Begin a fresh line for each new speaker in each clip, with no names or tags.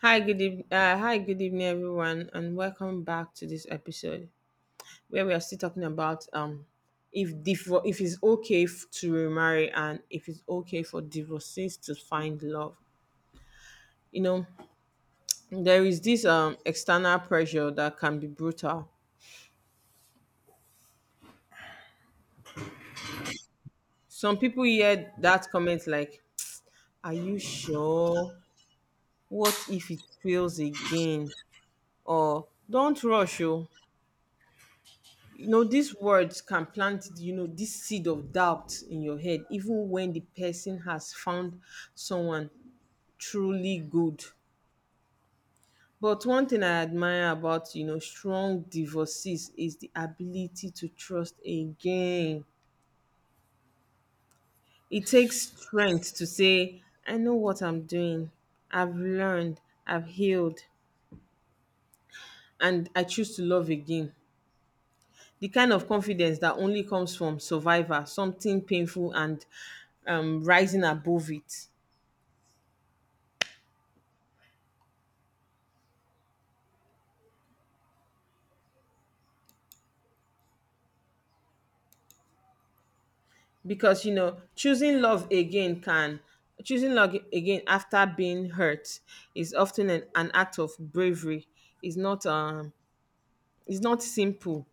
Hi, good evening. Hi, good evening, everyone, and welcome back to this episode where we are still talking about if it's to remarry and if it's okay for divorcees to find love. You know, there is this external pressure that can be brutal. Some people hear that comment like, "Are you sure? What if it fails again?" or "Don't rush, oh." You know, these words can plant, this seed of doubt in your head even when the person has found someone truly good. But one thing I admire about, strong divorcees is the ability to trust again. It takes strength to say, "I know what I'm doing. I've learned, I've healed, and I choose to love again." The kind of confidence that only comes from survivor, something painful and rising above it. Because you know, choosing love again can Choosing love again after being hurt is often an act of bravery. It's not um it's not simple.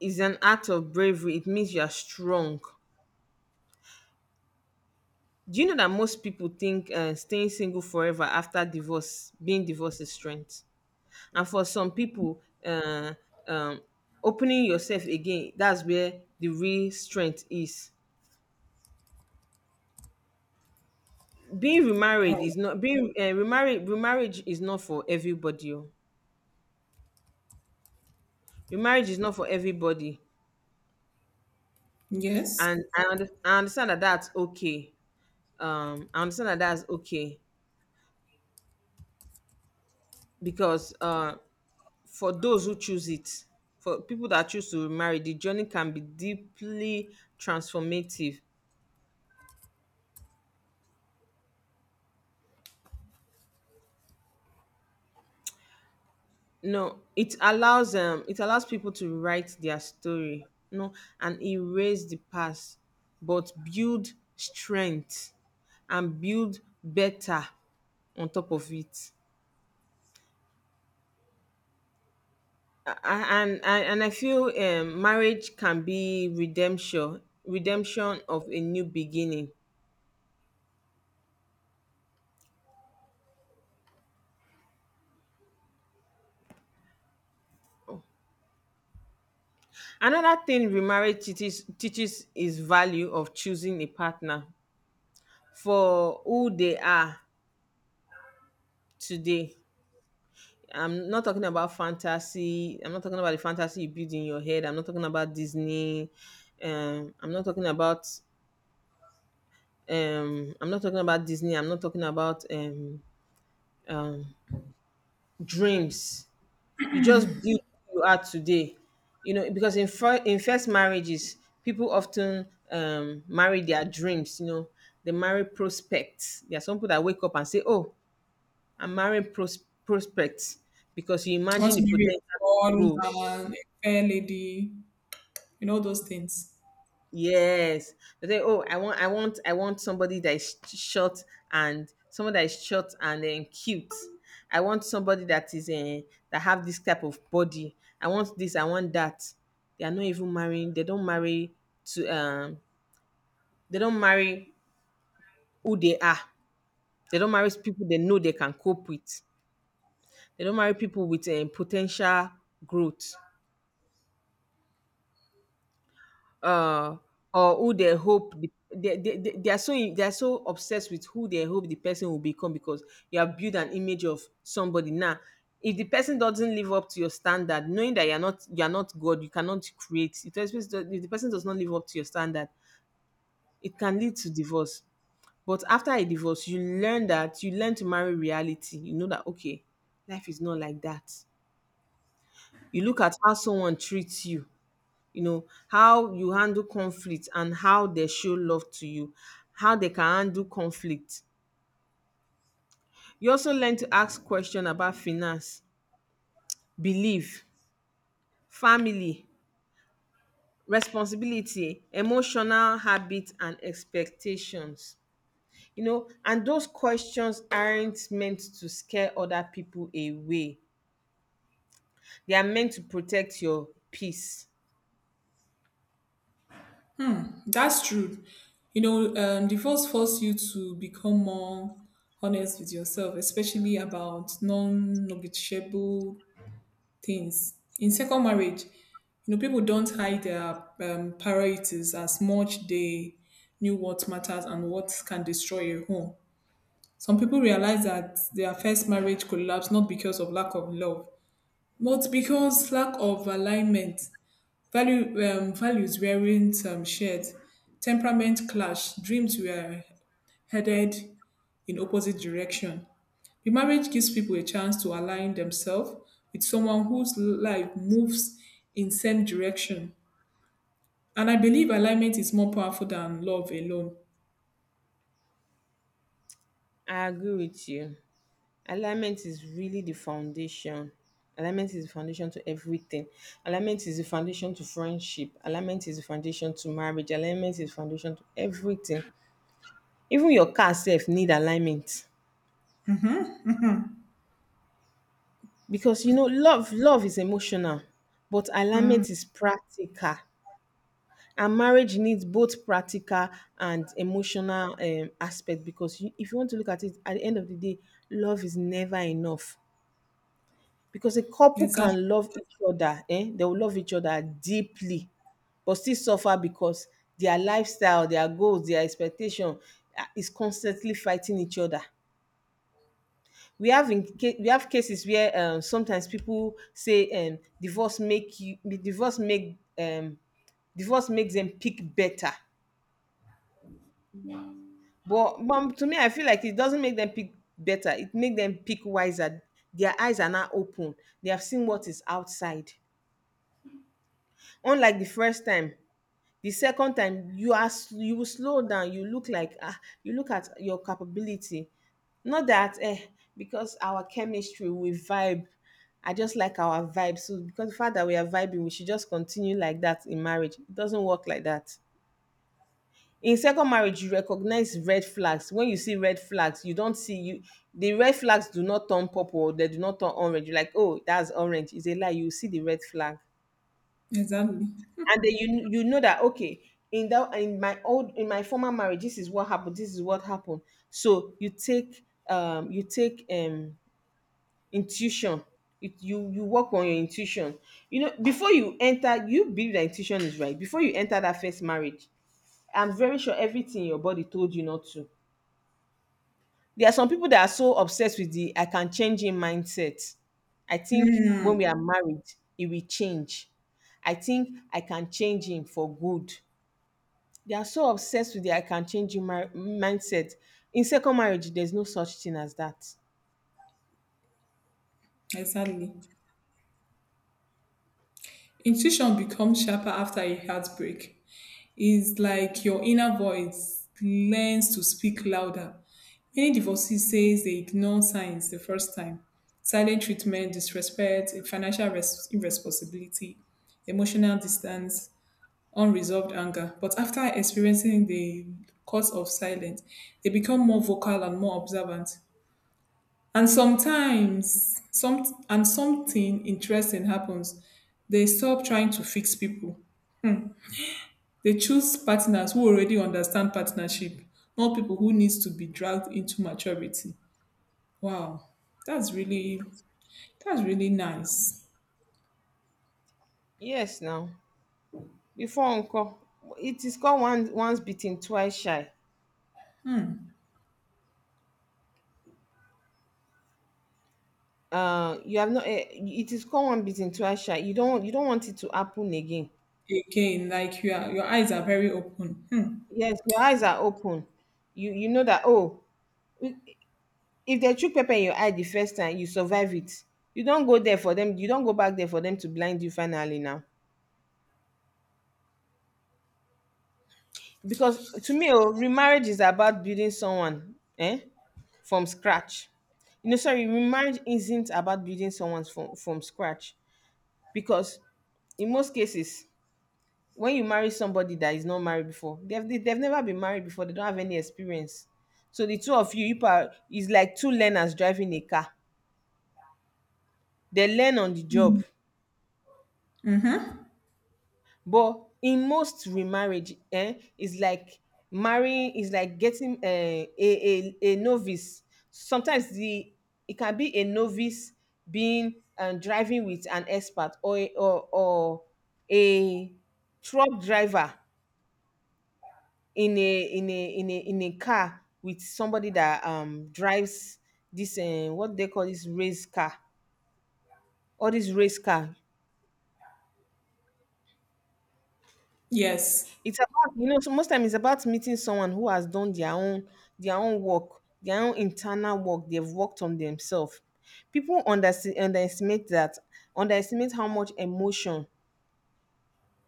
It's an act of bravery. It means you are strong. Do you know that most people think, staying single forever after divorce, being divorced, is strength? And for some people, um opening yourself again, that's where the real strength is. Being remarried
Oh,
is not being remarried remarriage is not for everybody, oh. Remarriage is not for everybody,
yes.
and I understand that that's okay. I understand that that's okay, because for those who choose it, for people that choose to remarry, the journey can be deeply transformative. No, it allows, people to write their story. No, and erase the past, but build strength and build better on top of it. And I feel, marriage can be redemption, redemption of a new beginning. Another thing remarriage teaches is value of choosing a partner for who they are today. I'm not talking about fantasy. I'm not talking about the fantasy you build in your head. I'm not talking about Disney. Um, I'm not talking about. I'm not talking about Disney. I'm not talking about, um, dreams. You just build who you are today. You know, because in first marriages, people often, marry their dreams. You know, they marry prospects. There are some people that wake up and say, "Oh, I'm marrying prospects," because you
I want
imagine
to
the
marry a
potential to grow.
tall man, a fair lady, those things.
Yes. They say, oh, I want somebody that is short and someone that is short and then cute. I want somebody that is, that have this type of body. I want this. I want that. They are not even marrying. They don't marry to. They don't marry who they are. They don't marry people they know they can cope with. They don't marry people with a potential growth. Uh, or who they hope the, they are so They are so obsessed with who they hope the person will become, because you have built an image of somebody. Now if the person doesn't live up to your standard, knowing that you're not, god, you cannot create. If the person does not live up to your standard, it can lead to divorce. But after a divorce, you learn that, you learn to marry reality. You know that, okay, life is not like that. You look at how someone treats you. You know how you handle conflict and how they show love to you, how they can handle conflict. You also learn to ask questions about finance, belief, family, responsibility, emotional habits, and expectations. You know, and those questions aren't meant to scare other people away, they are meant to protect your peace.
That's true. Divorce force you to become more honest with yourself, especially about non negotiable things. In second marriage, people don't hide their priorities as much they knew what matters and what can destroy a home. Some people realize that their first marriage collapsed not because of lack of love, but because lack of alignment, value, values weren't shared, temperament clashed, dreams were headed in opposite direction. The marriage gives people a chance to align themselves with someone whose life moves in same direction. And I believe alignment is more powerful than love alone.
I agree with you. Alignment is really the foundation. Alignment is the foundation to everything. Alignment is the foundation to friendship. Alignment is the foundation to marriage. Alignment is foundation to everything. Even your car self need alignment. Because you know, love is emotional, but alignment is practical. And marriage needs both practical and emotional, aspect, because if you want to look at it, at the end of the day, love is never enough. Because a couple
Exactly.
can love each other, eh, they will love each other deeply, but still suffer because their lifestyle, their goals, their expectation, ah, is constantly fighting each other. We have cases where, sometimes people say, divorce make you divorce make divorce makes them pick better. But mom, to me I feel like it doesn't make them pick better, it make them pick wiser. Their eyes are now open, they have seen what is outside. Unlike the first time, the second time you you will slow down. You look like, ah, you look at your capability, not that, eh, because our chemistry, we vibe, I just like our vibe, so because the fact that we are vibing we should just continue like that in marriage. It doesn't work like that. In second marriage, you recognize red flags. When you see red flags, you don't see you the red flags do not turn purple, they do not turn orange. You're like, oh, that's orange, it's a lie. You see the red flag,
Exactly.
and then you know that, okay, in that in my old in my former marriage, this is what happened, this is what happened. So you take, intuition. You work on your intuition. You know, before you enter, you believe that intuition is right before you enter that first marriage. I'm very sure everything your body told you not to. There are some people that are so obsessed with the "I can change" in mindset. I think when we are married, it will change. I think I can change him for good. They are so obsessed with the "I can change you mindset." In second marriage, there's no such thing as that.
Exactly. Intuition becomes sharper after a heartbreak. It's like your inner voice learns to speak louder. Many divorcees say they ignore signs the first time. Silent treatment, disrespect, irresponsibility, emotional distance, unresolved anger. But after experiencing the cause of silence, they become more vocal and more observant. And sometimes, something interesting happens. They stop trying to fix people. They choose partners who already understand partnership, not people who needs to be dragged into maturity. Wow, that's really that's really nice.
Yes, now. Before uncle, it is called one once beaten, twice shy. You have not. Eh, It is called one beaten, twice shy. You don't want it to happen again.
Again, like you are, your eyes are very open. Hmm.
Yes, your eyes are open. You know that. Oh, if they chook pepper in your eye the first time, you survive it. You don't go there for them. You don't go back there for them to blind you finally now. Because to me, oh, remarriage is about building someone, eh, from scratch. You know, sorry, marriage isn't about building someone from scratch, because in most cases, when you marry somebody that is not married before, they have never been married before. They don't have any experience. So the two of you, you are is like two learners driving a car. They learn on the job.
Mm-hmm.
But in most remarriage, eh, is like marrying is like getting, um, a novice. Sometimes the It can be a novice being, driving with an expert, or a or or a truck driver, in a car with somebody that, drives this, um, what they call this race car, all this race car.
Yes,
It's about, you know, so most time it's about meeting someone who has done their own work, their own internal work. They've worked on themselves. People underestimate how much emotion,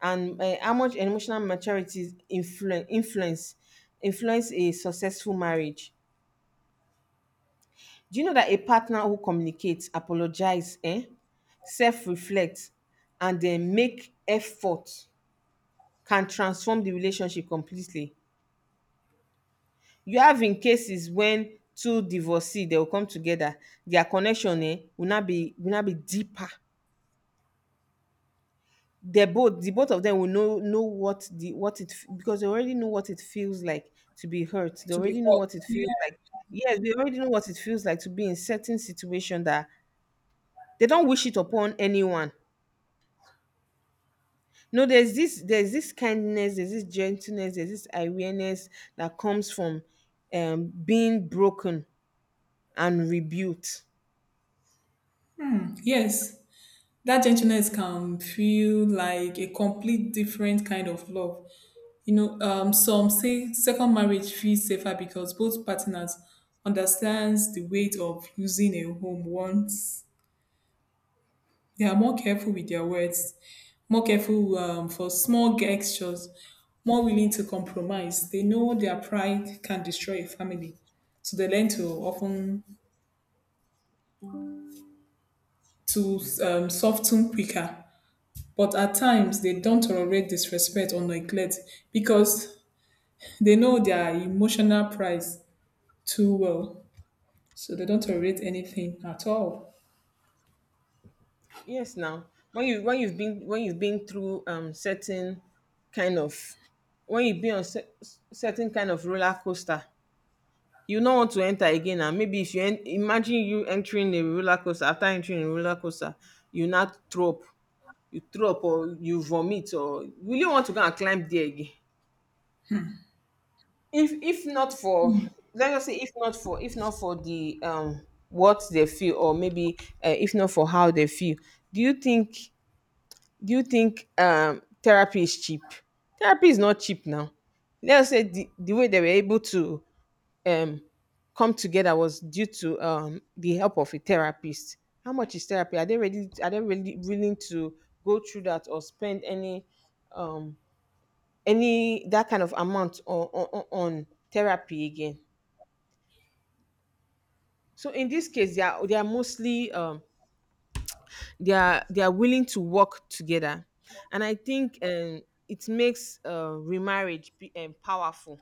and, how much emotional maturity influence a successful marriage. Do you know that a partner who communicates, apologizes, eh, self reflects, and then make effort can transform the relationship completely. You have in cases when two divorcee, they will come together, their connection, eh, will not be, will not be deeper. The both of them will know what the what it f- because they already know what it feels like to be hurt. They
to be
already know
hot.
what it
Yeah.
feels like. Yes, they already know what it feels like to be in certain situation that they don't wish it upon anyone. No, there's this, there's this kindness, there's this gentleness, there's this awareness that comes from, being broken and rebuilt.
Yes, that gentleness can feel like a complete different kind of love. Some say second marriage feels safer because both partners understands the weight of losing a home once they are more careful with their words, more careful for small gestures, more willing to compromise. They know their pride can destroy a family, so they learn to often to soften quicker. But at times, they don't tolerate disrespect or neglect because they know their emotional price too well, so they don't tolerate anything at all.
Yes, now, when you when you've been through, certain kind of, when you've been on cer- certain kind of roller coaster, you don't want to enter again. And maybe if you imagine you entering a roller coaster after entering a roller coaster, you not throw up, you throw up or you vomit, or will you want to go and climb there again? If not for Let's just say, if not for, the, um, what they feel, or maybe, if not for how they feel, do you think do you think, um, therapy is cheap? Therapy is not cheap now. Let's say the way they were able to um come together was due to the help of a therapist. How much is therapy? Are they ready? Are they really willing to go through that or spend um any that kind of amount on on therapy again? So in this case, they are mostly they are willing to work together, and I think it makes, remarriage be, powerful.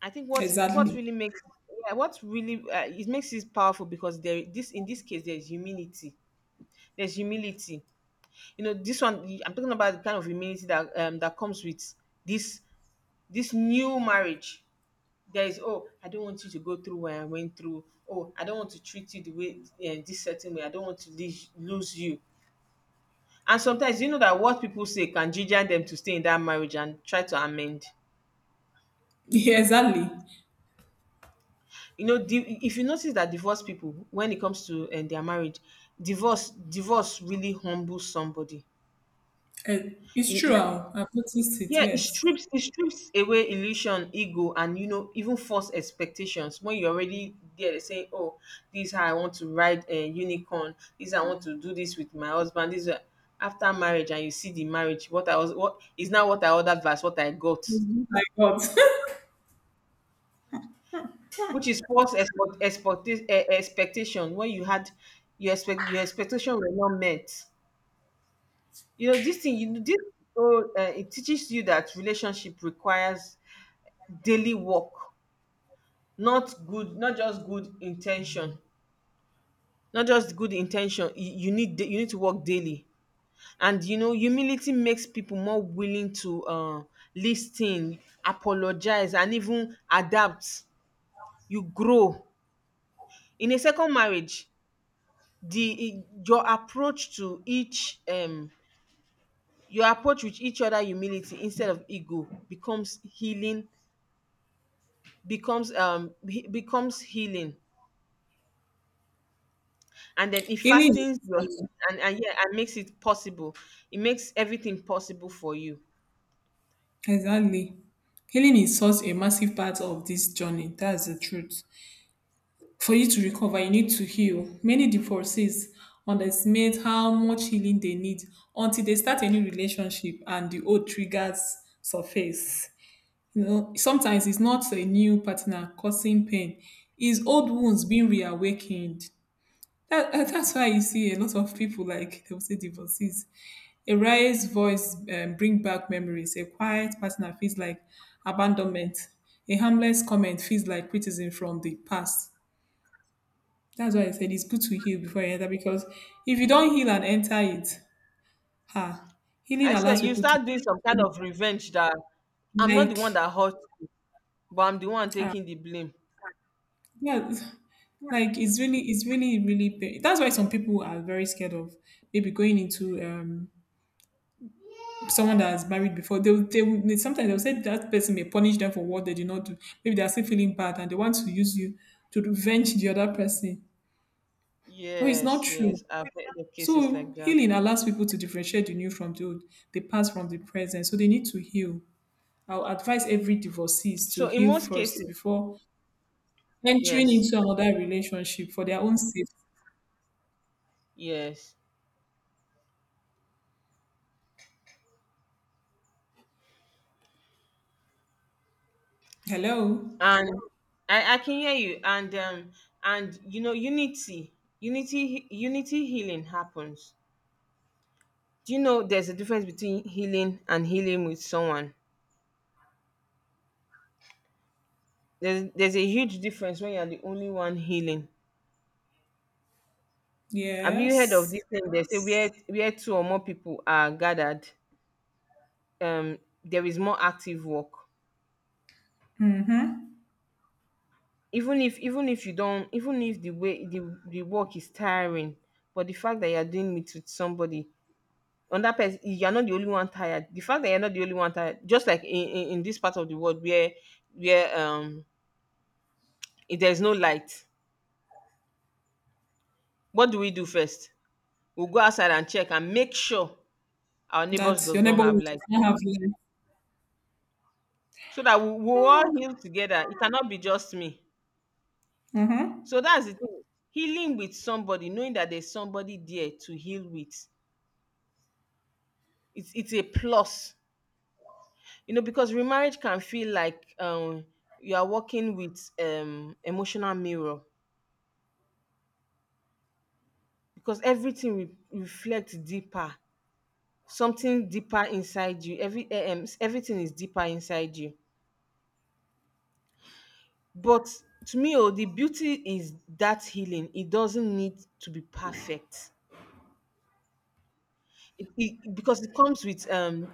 I think what
Exactly.
really makes, yeah, what really it makes it powerful, because there this in this case there's humility. There's humility, you know this one. I'm talking about the kind of humility that that comes with this this new marriage. There is, oh, I don't want you to go through what I went through. Oh, I don't want to treat you the way, this certain way. I don't want to lose you. And sometimes you know that what people say can ginger them to stay in that marriage and try to amend.
Yeah, exactly.
You know, if you notice that divorced people, when it comes to their marriage, divorce really humbles somebody.
Uh, it's
It-
true.
it-
I've noticed it.
yeah, it
Yes.
strips away illusion, ego, and you know even false expectations. When you're already there, they saying, "Oh, this is how I want to ride a unicorn. This is how I want to do this with my husband. This is how-" after marriage, and you see the marriage. What I was what is now what I ordered versus what I got,
It's good I got.
which is false expectation. When you had your expectation were not met, you know this thing you this So, it teaches you that relationship requires daily work, not good not just good intention. Not just good intention, you need, you need to work daily. And you know humility makes people more willing to listen, apologize, and even adapt. You grow in a second marriage. Your approach to each your approach with each other, humility instead of ego, becomes healing. Becomes becomes healing. And then it
Healing is
fastens your,
um,
and yeah, and makes it possible. It makes everything possible for you.
exactly. Healing is such a massive part of this journey. That's the truth. For you to recover, you need to heal. Many divorcees underestimate how much healing they need until they start a new relationship and the old triggers surface. You know, sometimes it's not a new partner causing pain, it's old wounds being reawakened. That, that's why you see a lot of people like they will say divorcees. A raised voice bring back memories. A quiet partner feels like abandonment. A harmless comment feels like criticism from the past. That's why I said it's good to heal before you enter because if you don't heal and enter it, ah, healing
I said
allows
you
people to
start doing some kind of revenge that, I'm not the one
like
that hurt you, but I'm the one
ah,
taking the blame.
yeah, like it's really really. That's why some people are very scared of maybe going into someone that has married before, sometimes they'll say that person may punish them for what they did not do. Maybe they are still feeling bad and they want to use you to revenge the other person. But it's not
Yes,
true.
yes, I've heard of cases
So
like that.
healing allows people to differentiate the new from the old, the past from the present. So they need to heal. I'll advise every divorcee to
So in
heal
most
first
cases,
before entering
yes,
into another relationship for their own safety.
yes.
Hello.
And I can hear you, and you know unity, unity healing happens. Do you know there's a difference between healing and healing with someone? There's a huge difference when you're the only one healing. Have you heard of
Yes.
this thing they say, where two or more people are gathered, there is more active work. Even if, even if you don't, even if the way the work is tiring, but the fact that you're doing it with somebody, another person, you're not the only one tired. The fact that you're not the only one tired, just like in this part of the world where, where if there's no light, what do we do first? We'll go outside and check and make sure our neighbors
That
does
your
not have
neighborhood
light,
does not have life.
so that we, we'll all
Ah,
heal together. It cannot be just me.
mm-hmm.
So that's the thing. Healing with somebody, knowing that there's somebody there to heal with, it's a plus. You know, because remarriage can feel like, you are working with emotional mirror, because everything reflects deeper, something deeper inside you. Every everything is deeper inside you. But to me, oh, the beauty is that healing, it doesn't need to be perfect. Because it comes with, um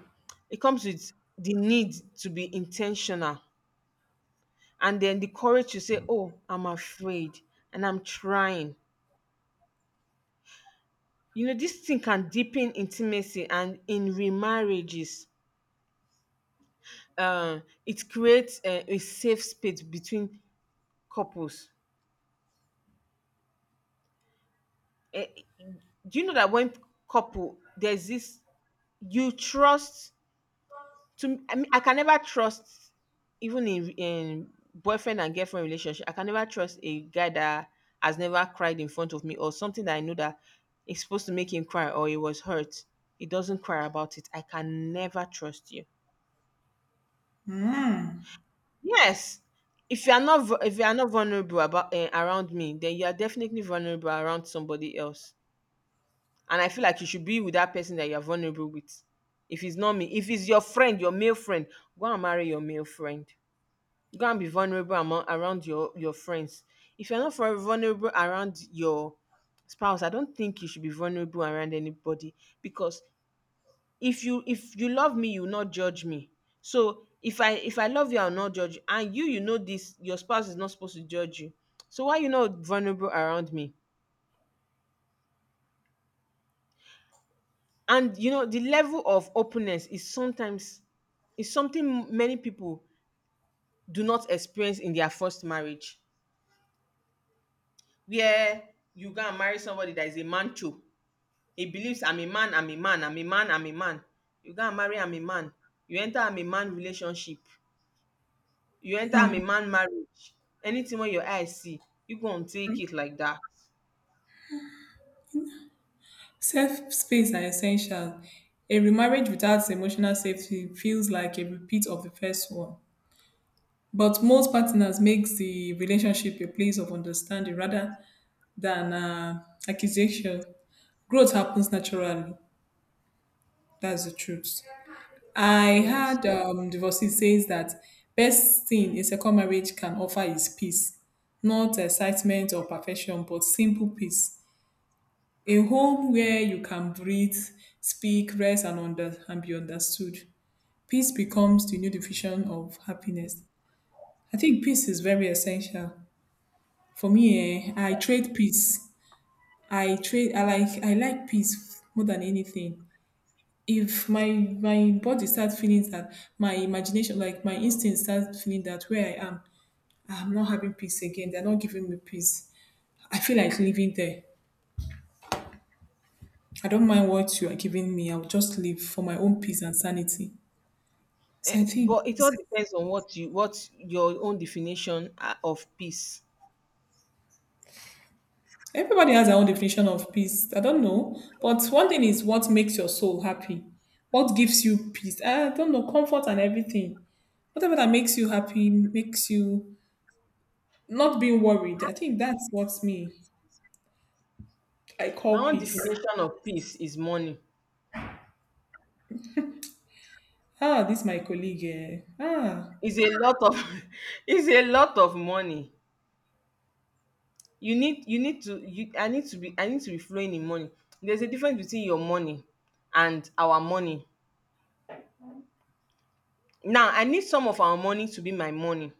it comes with the need to be intentional, and then the courage to say, oh, I'm afraid, and I'm trying. You know, this thing can deepen intimacy and in remarriages. It creates a safe space between couples. Eh, do you know that when couple there's this, you trust to, I mean, I can never trust, even in boyfriend and girlfriend relationship, I can never trust a guy that has never cried in front of me, or something that I know that is supposed to make him cry or he was hurt, he doesn't cry about it. I can never trust you.
Mm.
Yes. If you are not vu if you are not vulnerable about, eh, around me, then you are definitely vulnerable around somebody else. And I feel like you should be with that person that you are vulnerable with. If it's not me, if it's your friend, your male friend, go and marry your male friend. Go and be vulnerable among, around your friends. If you're not vulnerable around your spouse, I don't think you should be vulnerable around anybody, because if you, if you love me, you will not judge me. So if I, if I love you, I'll not judge you. And you, you know this, your spouse is not supposed to judge you. So why you not vulnerable around me? And you know, the level of openness is sometimes is something many people do not experience in their first marriage, where you go and marry somebody that is a mancho. He believes, I'm a man, I'm a man, I'm a man, I'm a man. You go and marry, I'm a man. You enter, I'm a man relationship. You enter, I'm a man marriage. Anything when your eyes see, you gonna take it like that.
Safe space are essential. A remarriage without emotional safety feels like a repeat of the first one. But most partners makes the relationship a place of understanding rather than accusation. Growth happens naturally. That's the truth. I
Yes.
had divorcee says that best thing a second marriage can offer is peace, not excitement or perfection, but simple peace. A home where you can breathe, speak, rest, and be understood. Peace becomes the new definition of happiness. I think peace is very essential. For me, eh, I trade peace. I trade. I like. I like peace more than anything. If my body starts feeling that, my imagination, like my instinct, starts feeling that where I am, I'm not having peace again. They're not giving me peace. I feel like living there. I don't mind what you are giving me. I'll just live for my own peace and sanity.
Eh,
So I think
but it all
it's-
depends on what you, what your own definition, of peace.
everybody has their own definition of peace. I don't know. But one thing is what makes your soul happy. What gives you peace? I don't know, comfort and everything. Whatever that makes you happy, makes you not being worried. I think that's what me I
My
call
own
peace.
definition of peace is money.
Ah, this my colleague. Eh. Ah,
It's a lot of it's a lot of money. You need, you need to you I need to be, I need to be flowing in money. There's a difference between your money and our money. Now I need some of our money to be my money.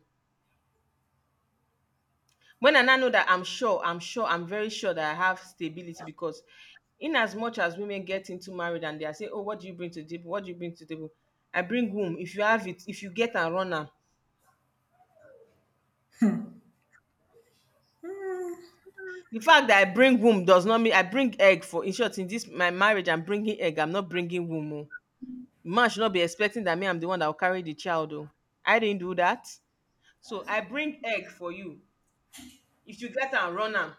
When I now know that I'm sure, I'm very sure that I have stability, because in as much as women get into marriage and they are saying, oh, what do you bring to the table, what do you bring to the table, I bring womb. If you have it, if you get and run am. The fact that I bring womb does not mean I bring egg for, in short, in this my marriage, I'm bringing egg, I'm not bringing womb o. Man should not be expecting that me, I'm the one that will carry the child. Oh, I didn't do that. So I bring egg for you, if you get and run am.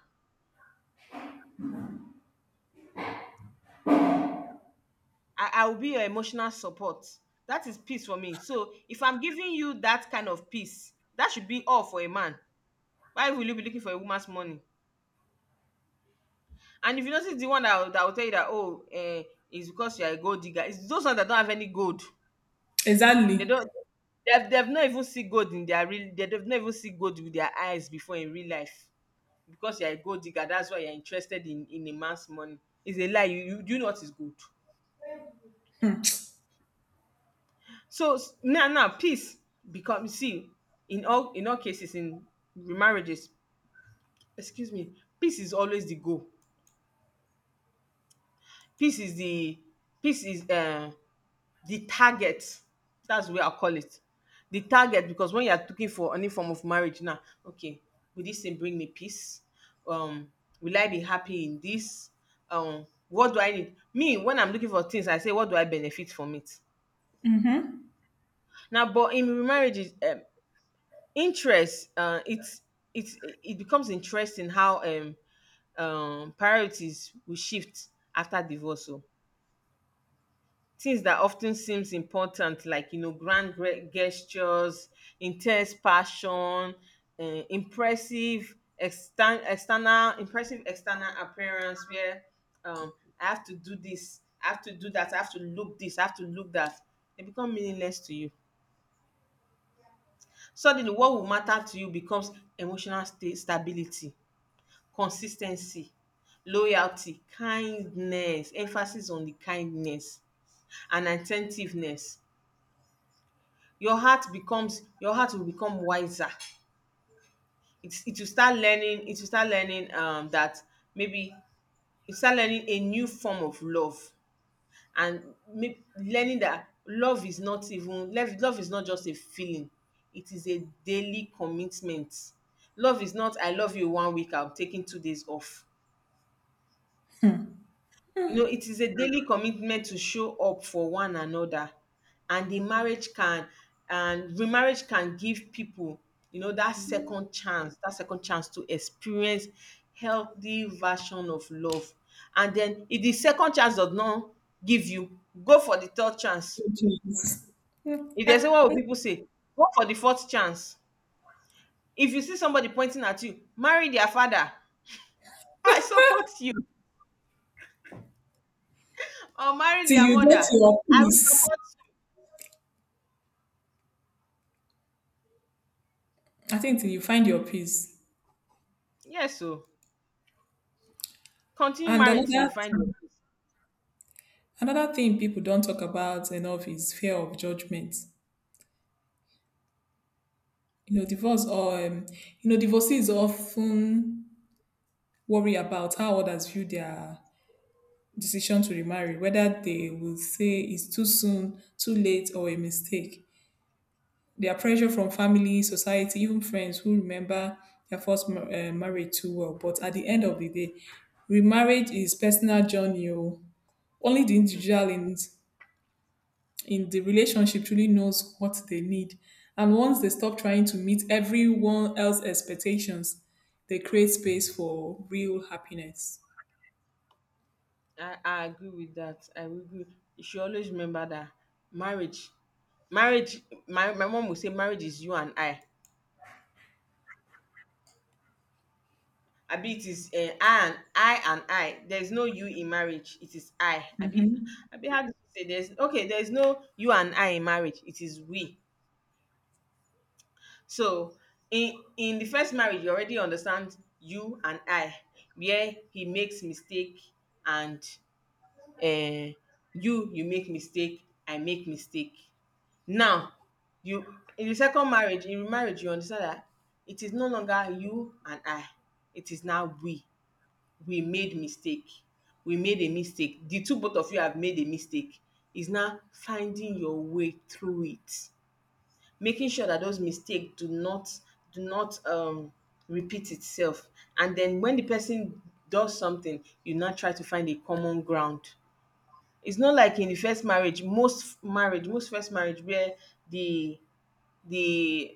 I will be your emotional support. That is peace for me. So if I'm giving you that kind of peace, that should be all for a man. Why will you be looking for a woman's money? And if you notice the one that, that will tell you that, oh, it's because you're a gold digger, it's those ones that don't have any gold.
exactly.
They don't. They've not even seen gold in their real. They've not even seen gold with their eyes before in real life. Because you're a gold digger, that's why you're interested in a man's money. It's a lie. You do, you know what is good. So now, now peace becomes, see, in all, in all cases in remarriages, excuse me, peace is always the goal. Peace is the, peace is, the target. That's the way I call it. The target, because when you are looking for any form of marriage now, okay, will this thing bring me peace? Um, will I be happy in this? What do I need? Me, when I'm looking for things, I say, what do I benefit from it? Now, but in remarriages, interest, uh, it's it becomes interesting how, um, priorities will shift after divorce. So things that often seems important, like you know, grand gestures, intense passion, impressive external, impressive external appearance, where um I have to do this, I have to do that, I have to look this, I have to look that, they become meaningless to you. Suddenly what will matter to you becomes emotional stability, consis ten cy loyalty, kindness, emphasis on the kindness, and at ten tiveness Your heart will become wiser. It will start learning, it will start learning that, maybe you start learning a new form of love, and may learning that love is not even love, love is not just a feeling, it is a daily commitment. Love is not, I love you 1 week, I'm taking 2 days off. You know, it is a daily commitment to show up for one another. And the marriage can, and remarriage can give people, you know, that second chance to experience healthy version of love. And then if the second chance does not give you, go for the third chance.
Jeez,
If there's a, what
till
will people say, go for the fourth chance. If you see somebody pointing at you, marry their father. I support you. Or marry their
you
mother.
get your
I will
peace.
support
I think till you find your peace.
you. Yes, so. Continue
And
married till you find your peace.
another thing people don't talk about enough is fear of judgment. Divorce or divorcees often worry about how others view their decision to remarry, whether they will say it's too soon, too late, or a mistake. Their pressure from family, society, even friends who remember their marriage too well. But at the end of the day, remarriage is personal journey. Oh. Only the
Hmm,
individual in the relationship truly knows what they need. And once they stop trying to meet everyone else's expectations, they create space for real happiness.
I agree with that. I will agree. You should always remember that marriage, marriage. My mom will say marriage is you and I. Abi it is I and I. There is no you in marriage. It is I. Abi, Abi how do you say there's okay? There is no you and I in marriage. It is we. So in the first marriage, you already understand you and I, where he makes mistake, and um you, you make mistake, I make mistake. Now, you in the second marriage, in remarriage, you understand that it is no longer you and I, it is now we. We made mistake, we made a mistake. The two, both of you have made a mistake. Is now finding your way through it, making sure that those mistakes do not, do not repeat itself. And then when the person does something, you now try to find a common ground. It's not like in the first marriage, most first marriage where the the,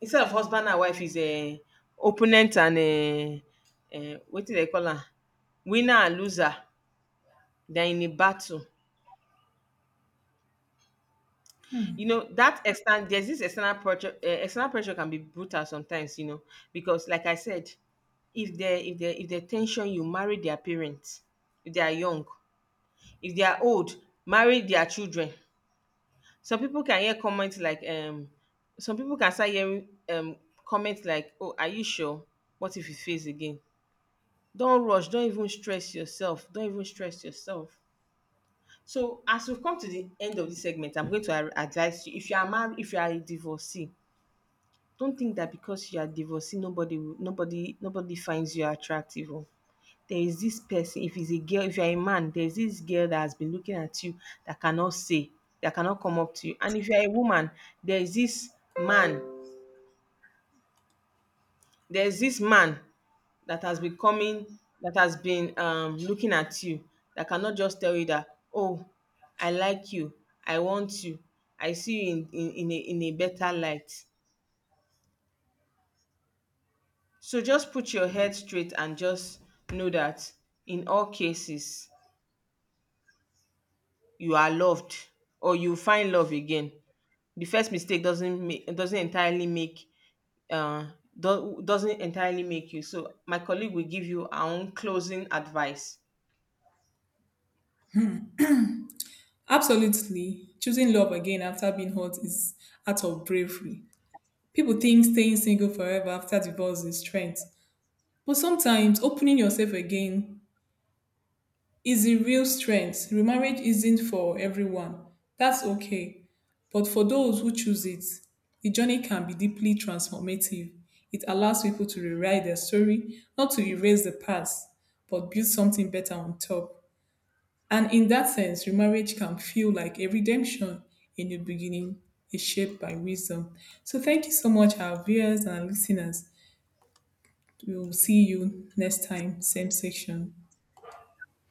instead of husband and wife, is a opponent and a, what do they call am? Winner and loser. They're in a battle. You know, that extern there's this external pressure, external pressure can be brutal sometimes, you know, because like I said, if they, if they, if they tension, you marry their parents, if they are young. If they are old, marry their children. Some people can hear comments like, some people can start hearing comments like, oh, are you sure? What if you fails again? Don't rush, don't even stress yourself, don't even stress yourself. So as we've come to the end of this segment, I'm going to advise you, if you are married, if you are a divorcee, don't think that because you are divorcee nobody nobody finds you attractive. There is this person, if it's a girl, if you're a man, there's this girl that has been looking at you, that cannot say, that cannot come up to you. And if you're a woman, there's this man there's this man that has been coming, that has been looking at you, that cannot just tell you that, oh, I like you, I want you, I see you in in a better light. So just put your head straight, and just know that in all cases you are loved, or you find love again. The first mistake doesn't make, doesn't entirely make, uh doesn't entirely make you. So my colleague will give you our own closing advice.
Absolutely, choosing love again after being hurt is act of bravery. People think staying single forever after divorce is strength, but sometimes opening yourself again is the real strength. Remarriage isn't for everyone. That's okay. But for those who choose it, the journey can be deeply transformative. It allows people to rewrite their story, not to erase the past, but build something better on top. And in that sense, remarriage can feel like a redemption, a new beginning, a shape by wisdom. So thank you so much, our viewers and listeners. We will see you next time, same section.